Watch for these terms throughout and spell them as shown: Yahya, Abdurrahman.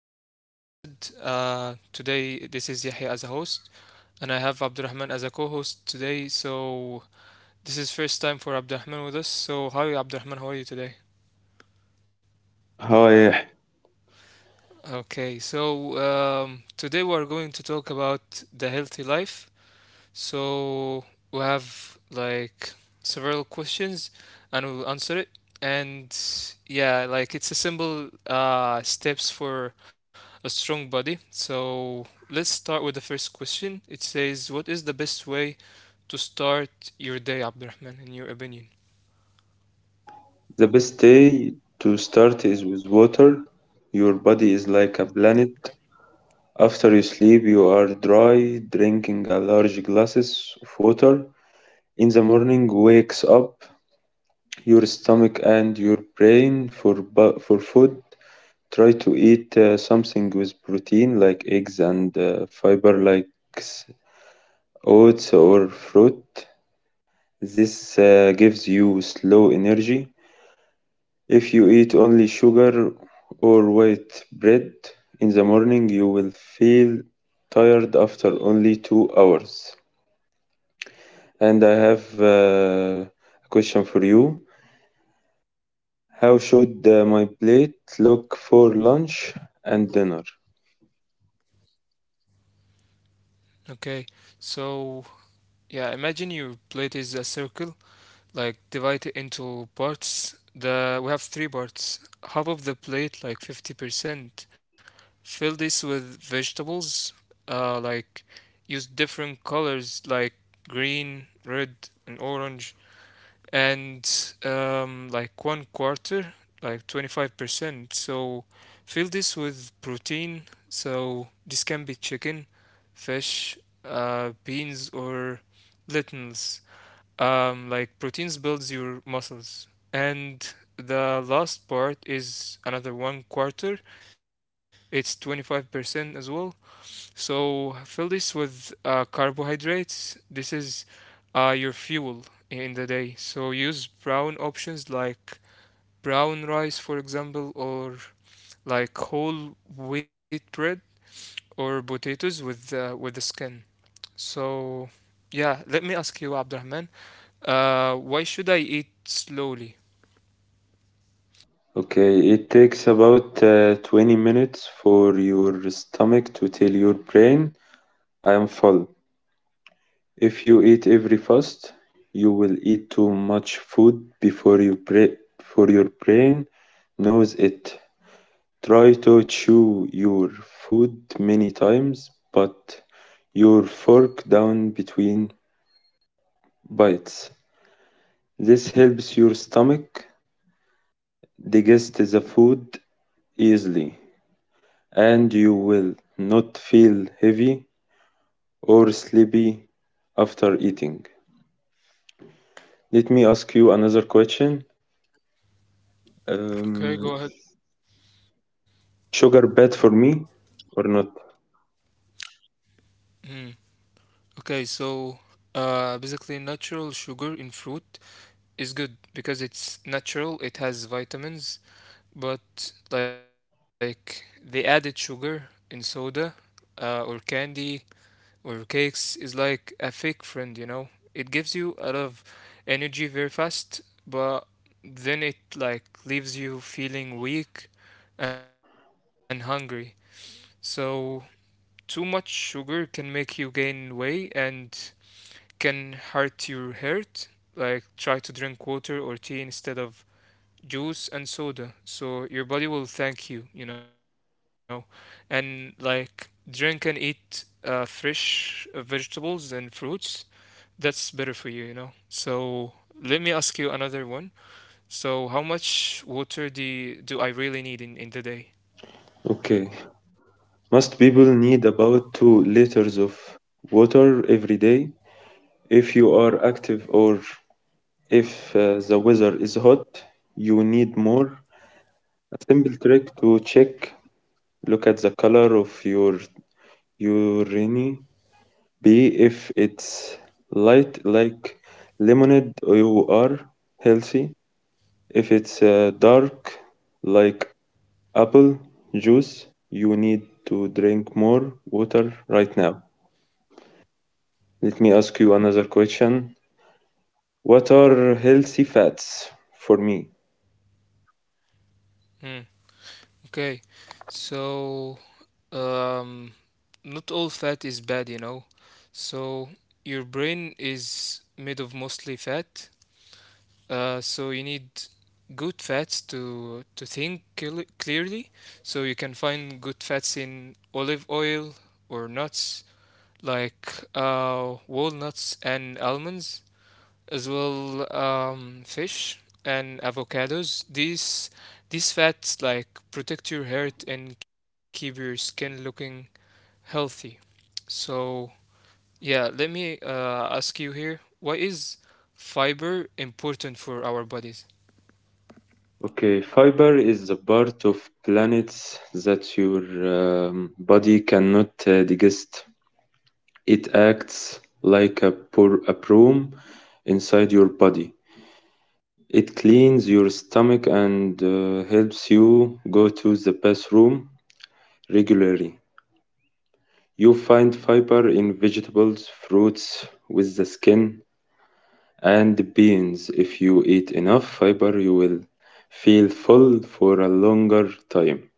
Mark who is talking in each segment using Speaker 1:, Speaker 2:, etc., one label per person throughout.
Speaker 1: to another episode. Today, this is Yahya as a host, and I have Abdurrahman as a co-host today. So this is first time for Abdurrahman with us. So hi Abdurrahman, how are you today?
Speaker 2: Hi,
Speaker 1: Okay, so today we are going to talk about the healthy life. So we have like several questions and we'll answer it. And yeah, like it's a simple steps for a strong body. So let's start with the first question. It says, what is the best way to start your day, Abdurrahman, in your opinion?
Speaker 2: the best day to start is with water. Your body is like a planet. After you sleep, you are dry, drinking a large glasses of water. In the morning, wakes up your stomach and your brain for food. Try to eat something with protein like eggs and fiber like s- oats or fruit. This gives you slow energy. If you eat only sugar or white bread in the morning, you will feel tired after only 2 hours. And I have a question for you. How should my plate look for lunch and dinner?
Speaker 1: Okay, so yeah, imagine your plate is a circle, like divide it into parts. The we have three parts. Half of the plate, like 50%, fill this with vegetables, like use different colors like green, red, and orange, and like one quarter, like 25%. So fill this with protein. So this can be chicken, fish, beans, or lentils. Like proteins builds your muscles. And the last part is another one quarter. It's 25% as well. So fill this with carbohydrates. This is your fuel in the day. So use brown options like brown rice, for example, or like whole wheat bread or potatoes with the skin. So yeah, let me ask you, Abdurrahman, why should I eat slowly?
Speaker 2: Okay, it takes about 20 minutes for your stomach to tell your brain I am full. If you eat every fast, you will eat too much food before your brain knows it. Try to chew your food many times, but your fork down between bites. This helps your stomach digest the food easily, and you will not feel heavy or sleepy after eating. Let me ask you another question. Um,
Speaker 1: Okay, go ahead.
Speaker 2: Sugar bad for me or not?
Speaker 1: Mm. Okay, so basically, natural sugar in fruit is good because it's natural, it has vitamins, but like the added sugar in soda or candy or cakes is like a fake friend, you know? It gives you a lot of energy very fast, but then it like leaves you feeling weak and hungry. So too much sugar can make you gain weight and can hurt your heart. Like try to drink water or tea instead of juice and soda. So your body will thank you, you know. And like drink and eat fresh vegetables and fruits. That's better for you, you know. So let me ask you another one. So how much water do I really need in the day?
Speaker 2: Okay. Most people need about 2 liters of water every day. If you are active or if the weather is hot, you need more. A simple trick to check, look at the color of your urine. B, if it's light like lemonade, you are healthy. If it's dark like apple juice, you need to drink more water right now. Let me ask you another question. What are healthy fats for me?
Speaker 1: Hmm. Okay. So um, not all fat is bad, you know. So your brain is made of mostly fat. So you need good fats to think clearly. So you can find good fats in olive oil or nuts like walnuts and almonds, as well fish and avocados. These fats like protect your heart and keep your skin looking healthy. So, yeah, let me ask you here, why is fiber important for our bodies?
Speaker 2: Okay, fiber is the part of planets that your body cannot digest. It acts like a broom inside your body. It cleans your stomach and helps you go to the bathroom regularly. You find fiber in vegetables, fruits with the skin, and beans. If you eat enough fiber, you will feel full for a longer time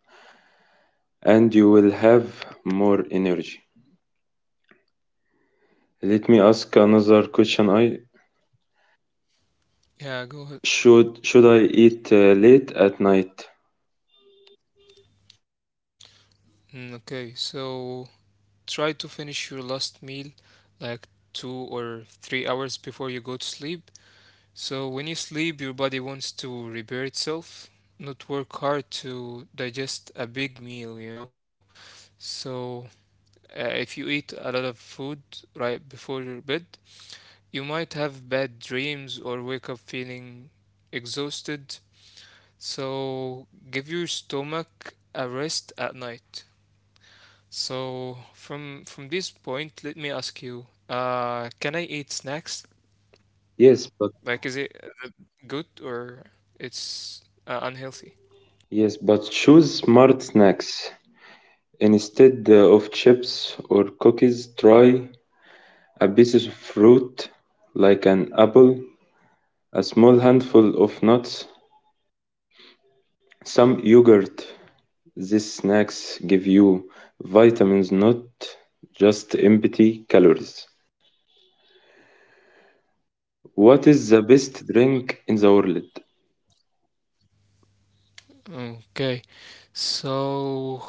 Speaker 2: and you will have more energy. Let me ask another question. I
Speaker 1: Yeah, go ahead.
Speaker 2: should I eat late at night?
Speaker 1: Mm, okay, so try to finish your last meal like 2 or 3 hours before you go to sleep. So when you sleep, your body wants to repair itself, not work hard to digest a big meal, you know. So if you eat a lot of food right before your bed, you might have bad dreams or wake up feeling exhausted. So give your stomach a rest at night. So from this point, let me ask you, can I eat snacks?
Speaker 2: Yes, but
Speaker 1: Like, is it uh, good or it's unhealthy?
Speaker 2: yes, but choose smart snacks instead of chips or cookies. Try a piece of fruit like an apple, a small handful of nuts, some yogurt. These snacks give you vitamins, not just empty calories. What is the best drink in the world?
Speaker 1: Okay, so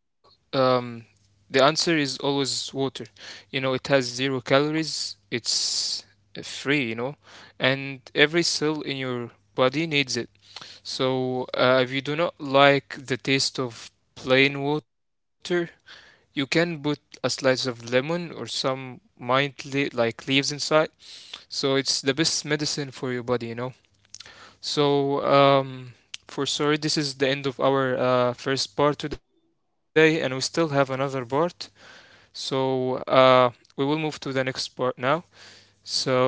Speaker 1: um, the answer is always water. You know, it has zero calories, it's free, you know, and every cell in your body needs it. So if you do not like the taste of plain water, you can put a slice of lemon or some mint like leaves inside. So it's the best medicine for your body, you know. So, for sorry, this is the end of our first part today, and we still have another part. So, we will move to the next part now. So,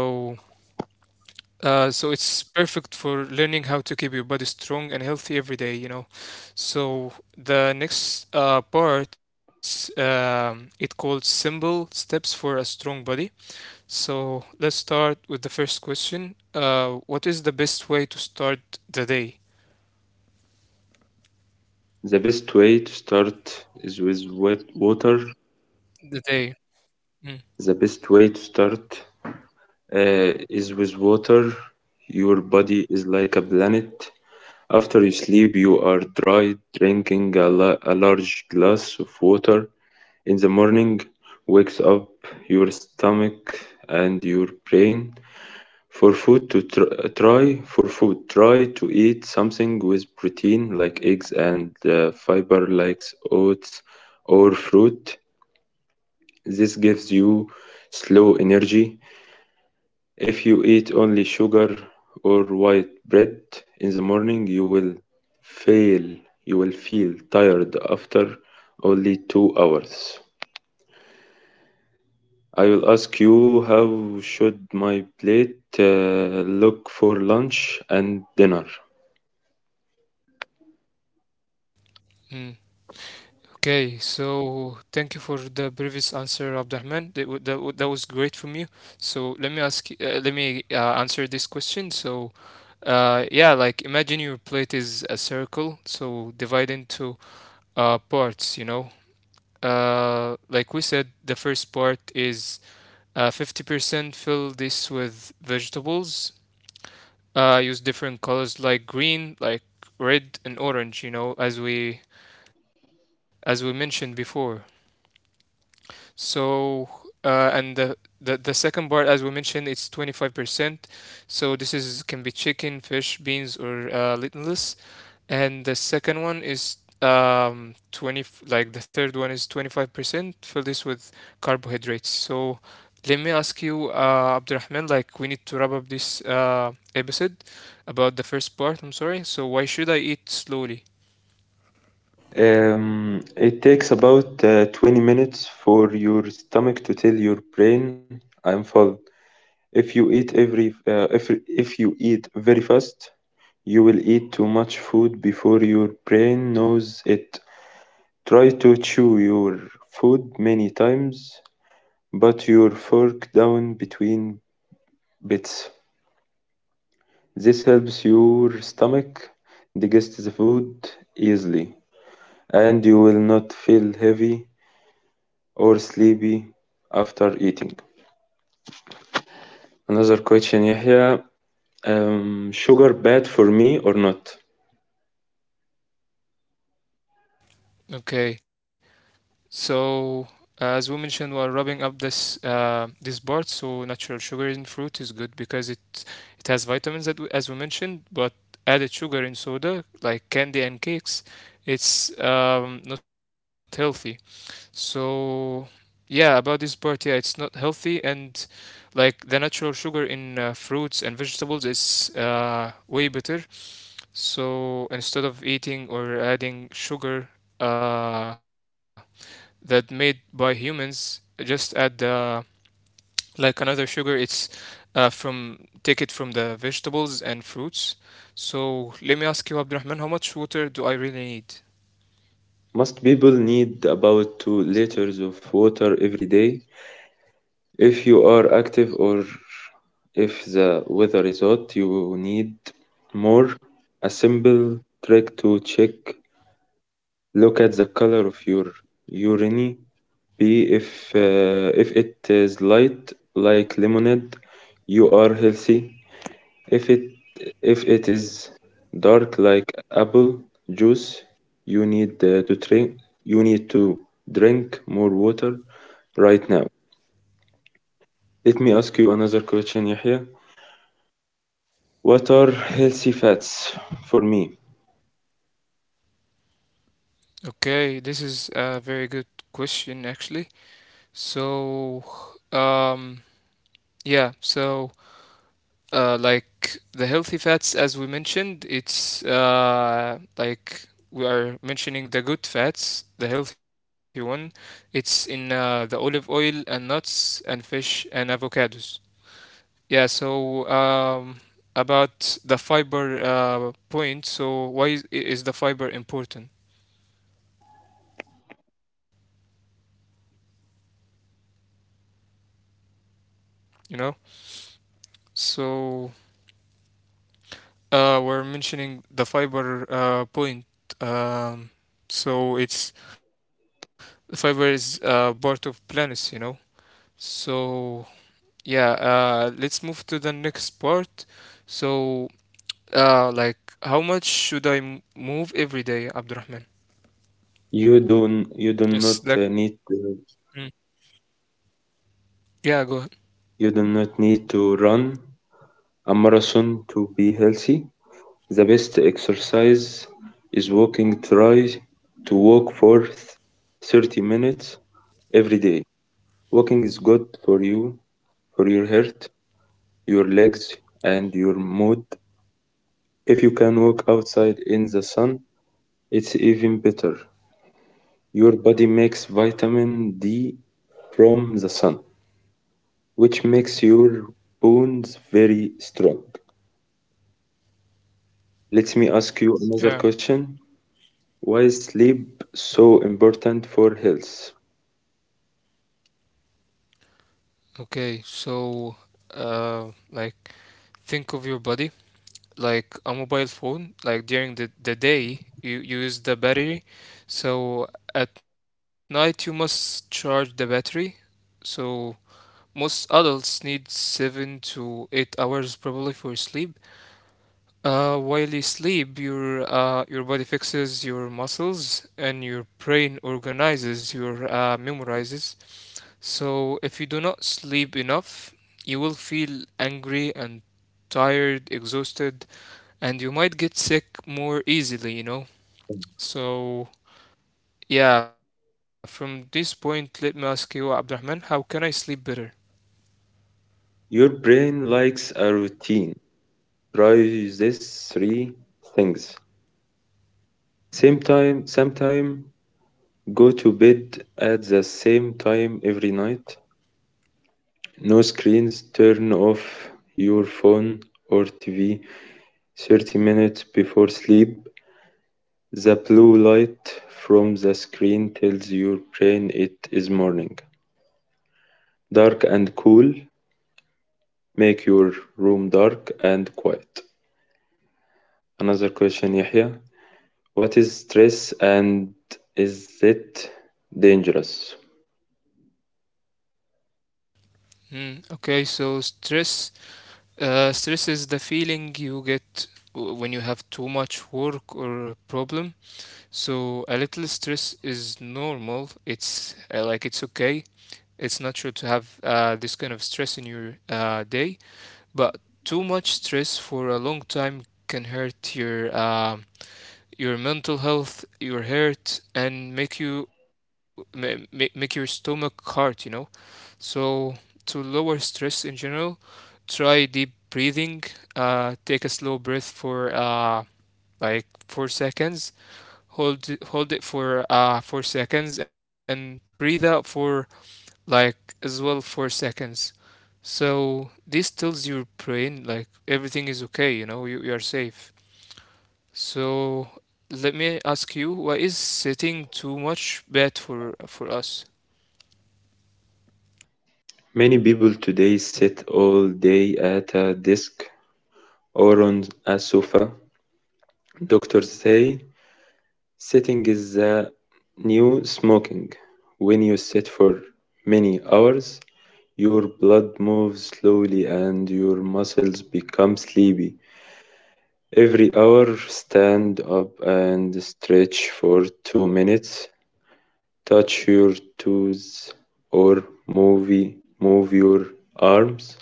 Speaker 1: so it's perfect for learning how to keep your body strong and healthy every day, you know. So, the next part, it called simple steps for a strong body. So, let's start with the first question. What is the best way to start the day?
Speaker 2: The best way to start is with wet water.
Speaker 1: The day. Mm,
Speaker 2: The best way to start uh, is with water. Your body is like a planet. After you sleep, you are dry. Drinking a large glass of water in the morning wakes up your stomach and your brain for food to try for food try to eat something with protein like eggs and fiber like oats or fruit. This gives you slow energy. If you eat only sugar or white bread in the morning, you will fail, you will feel tired after only 2 hours. I will ask you, how should my plate look for lunch and dinner?
Speaker 1: mm. Okay, so thank you for the previous answer, Abdurrahman. That was great from you. So let me answer this question. So, yeah, like imagine your plate is a circle, so divide into parts. You know, like we said, the first part is 50% fill this with vegetables. Use different colors like green, red, and orange. You know, as we mentioned before. So, And the second part, as we mentioned, it's 25%. So this is can be chicken, fish, beans, or glutenless. And the second one is 20 like the third one is 25%, fill this with carbohydrates. So let me ask you, Abdurrahman, like we need to wrap up this episode about the first part, I'm sorry. So why should I eat slowly?
Speaker 2: It takes about 20 minutes for your stomach to tell your brain I'm full. If you eat very fast, you will eat too much food before your brain knows it. Try to chew your food many times, but your fork down between bits. This helps your stomach digest the food easily, and you will not feel heavy or sleepy after eating. Another question, Yahya. Sugar bad for me or not?
Speaker 1: Okay. So as we mentioned, while rubbing up this this part, so natural sugar in fruit is good because it has vitamins that we, as we mentioned, but added sugar in soda like candy and cakes, it's not healthy. So yeah, about this part, yeah, it's not healthy and like the natural sugar in fruits and vegetables is way better. So instead of eating or adding sugar uh, that made by humans, just add like another sugar. It's from take it from the vegetables and fruits. So let me ask you, Abdurrahman, how much water do I really need?
Speaker 2: Most people need about 2 liters of water every day. If you are active or if the weather is hot, you need more. A simple trick to check, look at the color of your urine. B. If if it is light like lemonade, you are healthy. If it if it is dark like apple juice, You need to drink more water right now. Let me ask you another question, Yahya. What are healthy fats for me?
Speaker 1: Okay, this is a very good question actually. So um, yeah, so like the healthy fats, as we mentioned, it's like we are mentioning the good fats, the healthy one. It's in the olive oil and nuts and fish and avocados. Yeah, so about the fiber point, so is the fiber important? You know, so we're mentioning the fiber point. Um, so it's the fiber is part of plants, you know. So yeah, let's move to the next part. So like, how much should I move every day, Abdurrahman?
Speaker 2: You do not
Speaker 1: Yes,
Speaker 2: need
Speaker 1: that.
Speaker 2: to,
Speaker 1: Mm. Yeah, go ahead.
Speaker 2: you do not need to run a marathon to be healthy. The best exercise is walking. Try to walk for 30 minutes every day. Walking is good for you, for your heart, your legs, and your mood. If you can walk outside in the sun, it's even better. Your body makes vitamin D from the sun, which makes your bones very strong. Let me ask you another
Speaker 1: Yeah.
Speaker 2: question. Why is sleep so important for health?
Speaker 1: Okay, so like, think of your body like a mobile phone. Like during the day, you use the battery. So at night, you must charge the battery. So most adults need 7 to 8 hours probably for sleep. While you sleep, your body fixes your muscles and your brain organizes your memorizes. So if you do not sleep enough, you will feel angry and tired, exhausted, and you might get sick more easily. You know. So yeah, from this point, let me ask you, Abdurrahman, how can I sleep better?
Speaker 2: Your brain likes a routine. Try these three things. Same time, go to bed at the same time every night. No screens, turn off your phone or TV 30 minutes before sleep. The blue light from the screen tells your brain it is morning. Dark and cool, make your room dark and quiet. Another question, Yahya. What is stress and is it dangerous?
Speaker 1: Mm, okay, so stress, stress is the feeling you get when you have too much work or a problem. So a little stress is normal. It's like it's okay. It's natural to have this kind of stress in your day, but too much stress for a long time can hurt your mental health, your heart, and make your stomach hurt. You know. So to lower stress in general, try deep breathing. Take a slow breath for like 4 seconds. Hold it for 4 seconds and breathe out for like as well 4 seconds. So this tells your brain like everything is okay. You are safe. So let me ask you, why is sitting too much bad for us?
Speaker 2: Many people today sit all day at a desk or on a sofa. Doctors say sitting is the new smoking. When you sit for many hours, your blood moves slowly and your muscles become sleepy. Every hour, stand up and stretch for 2 minutes. Touch your toes or move your arms.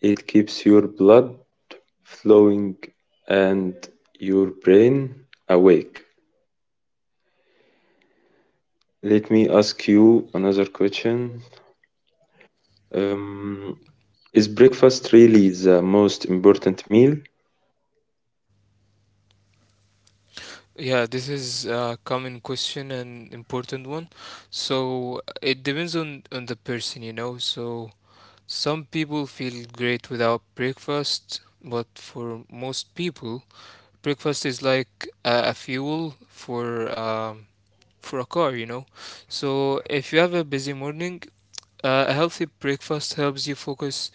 Speaker 2: It keeps your blood flowing and your brain awake. Let me ask you another question. Um, is breakfast really the most important meal?
Speaker 1: Yeah, this is a common question and important one. So it depends on the person, you know. So some people feel great without breakfast, but for most people, breakfast is like a fuel for a car, you know. So if you have a busy morning, a healthy breakfast helps you focus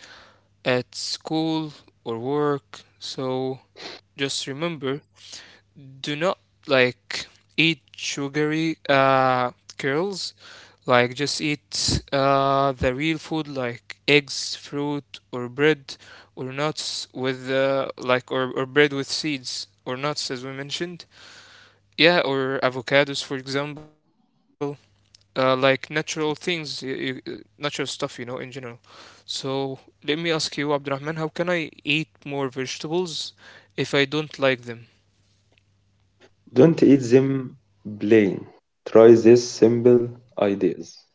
Speaker 1: at school or work. So just remember, do not like eat sugary curls, like just eat the real food like eggs, fruit, or bread or nuts or bread with seeds or nuts as we mentioned, yeah, or avocados for example, like natural things, natural stuff you know in general. So let me ask you, Abdurrahman, how can I eat more vegetables if I don't like them?
Speaker 2: Don't eat them plain. Try these simple ideas.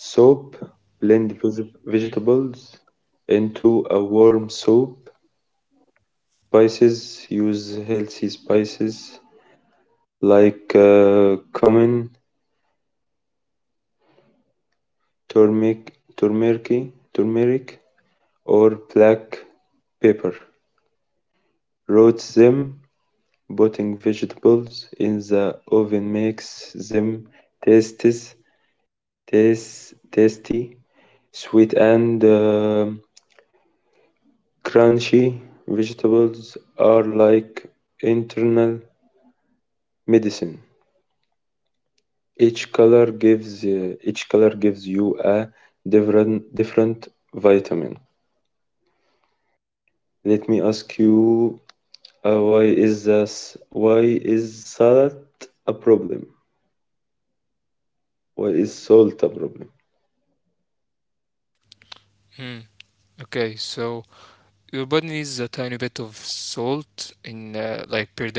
Speaker 2: Soap, blend
Speaker 1: Mm.
Speaker 2: vegetables into a warm soup. Spices, use healthy spices like cumin, turmeric, or black pepper. Roast them, putting vegetables in the oven makes them tastes, tasty, sweet, and crunchy. Vegetables are like internal medicine. Each color gives you a different vitamin. Let me ask you, why is this? Why is salt a problem? Why is salt a problem?
Speaker 1: Hmm. Okay, so your body needs a tiny bit of salt in like per day.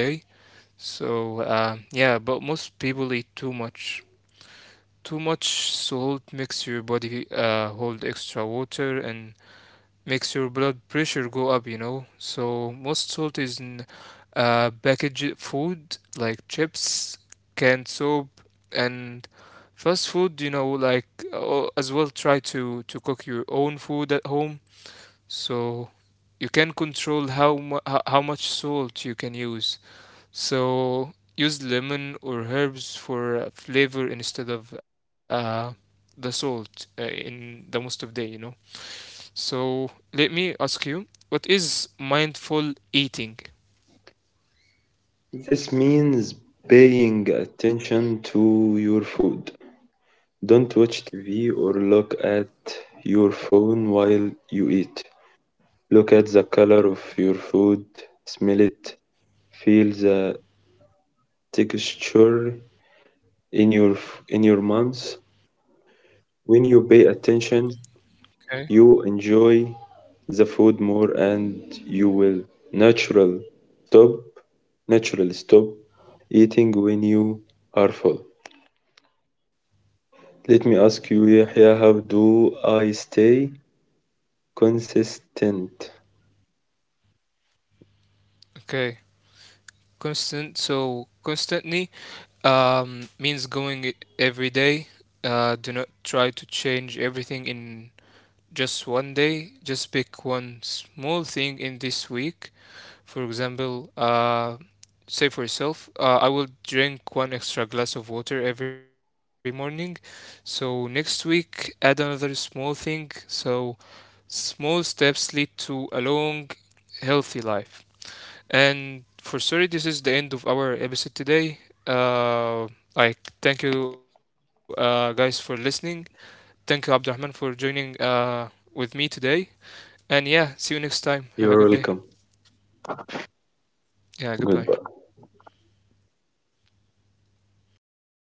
Speaker 1: So yeah, but most people eat too much. Too much salt makes your body hold extra water and makes your blood pressure go up, you know. So most salt is in packaged food like chips, canned soap, and fast food. You know, like as well try to cook your own food at home so you can control how much salt you can use. So use lemon or herbs for flavor instead of the salt in the most of day, you know. So let me ask you, what is mindful eating?
Speaker 2: This means paying attention to your food. Don't watch TV or look at your phone while you eat. Look at the color of your food, smell it, feel the texture in your in your months. When you pay attention,
Speaker 1: Okay.
Speaker 2: you enjoy the food more and you will natural stop naturally stop eating when you are full. Let me ask you, Yahya, how do I stay consistent?
Speaker 1: Okay, constantly means going it every day. Uh, do not try to change everything in just one day. Just pick one small thing in this week, for example. Say for yourself, I will drink one extra glass of water every morning. So next week add another small thing. So small steps lead to a long healthy life. And for sorry this is the end of our episode today. Uh I Thank you guys for listening. Thank you Abdurrahman for joining with me today. And yeah, see you next time. Have a good day.
Speaker 2: You're welcome.
Speaker 1: Yeah, goodbye.
Speaker 2: Good.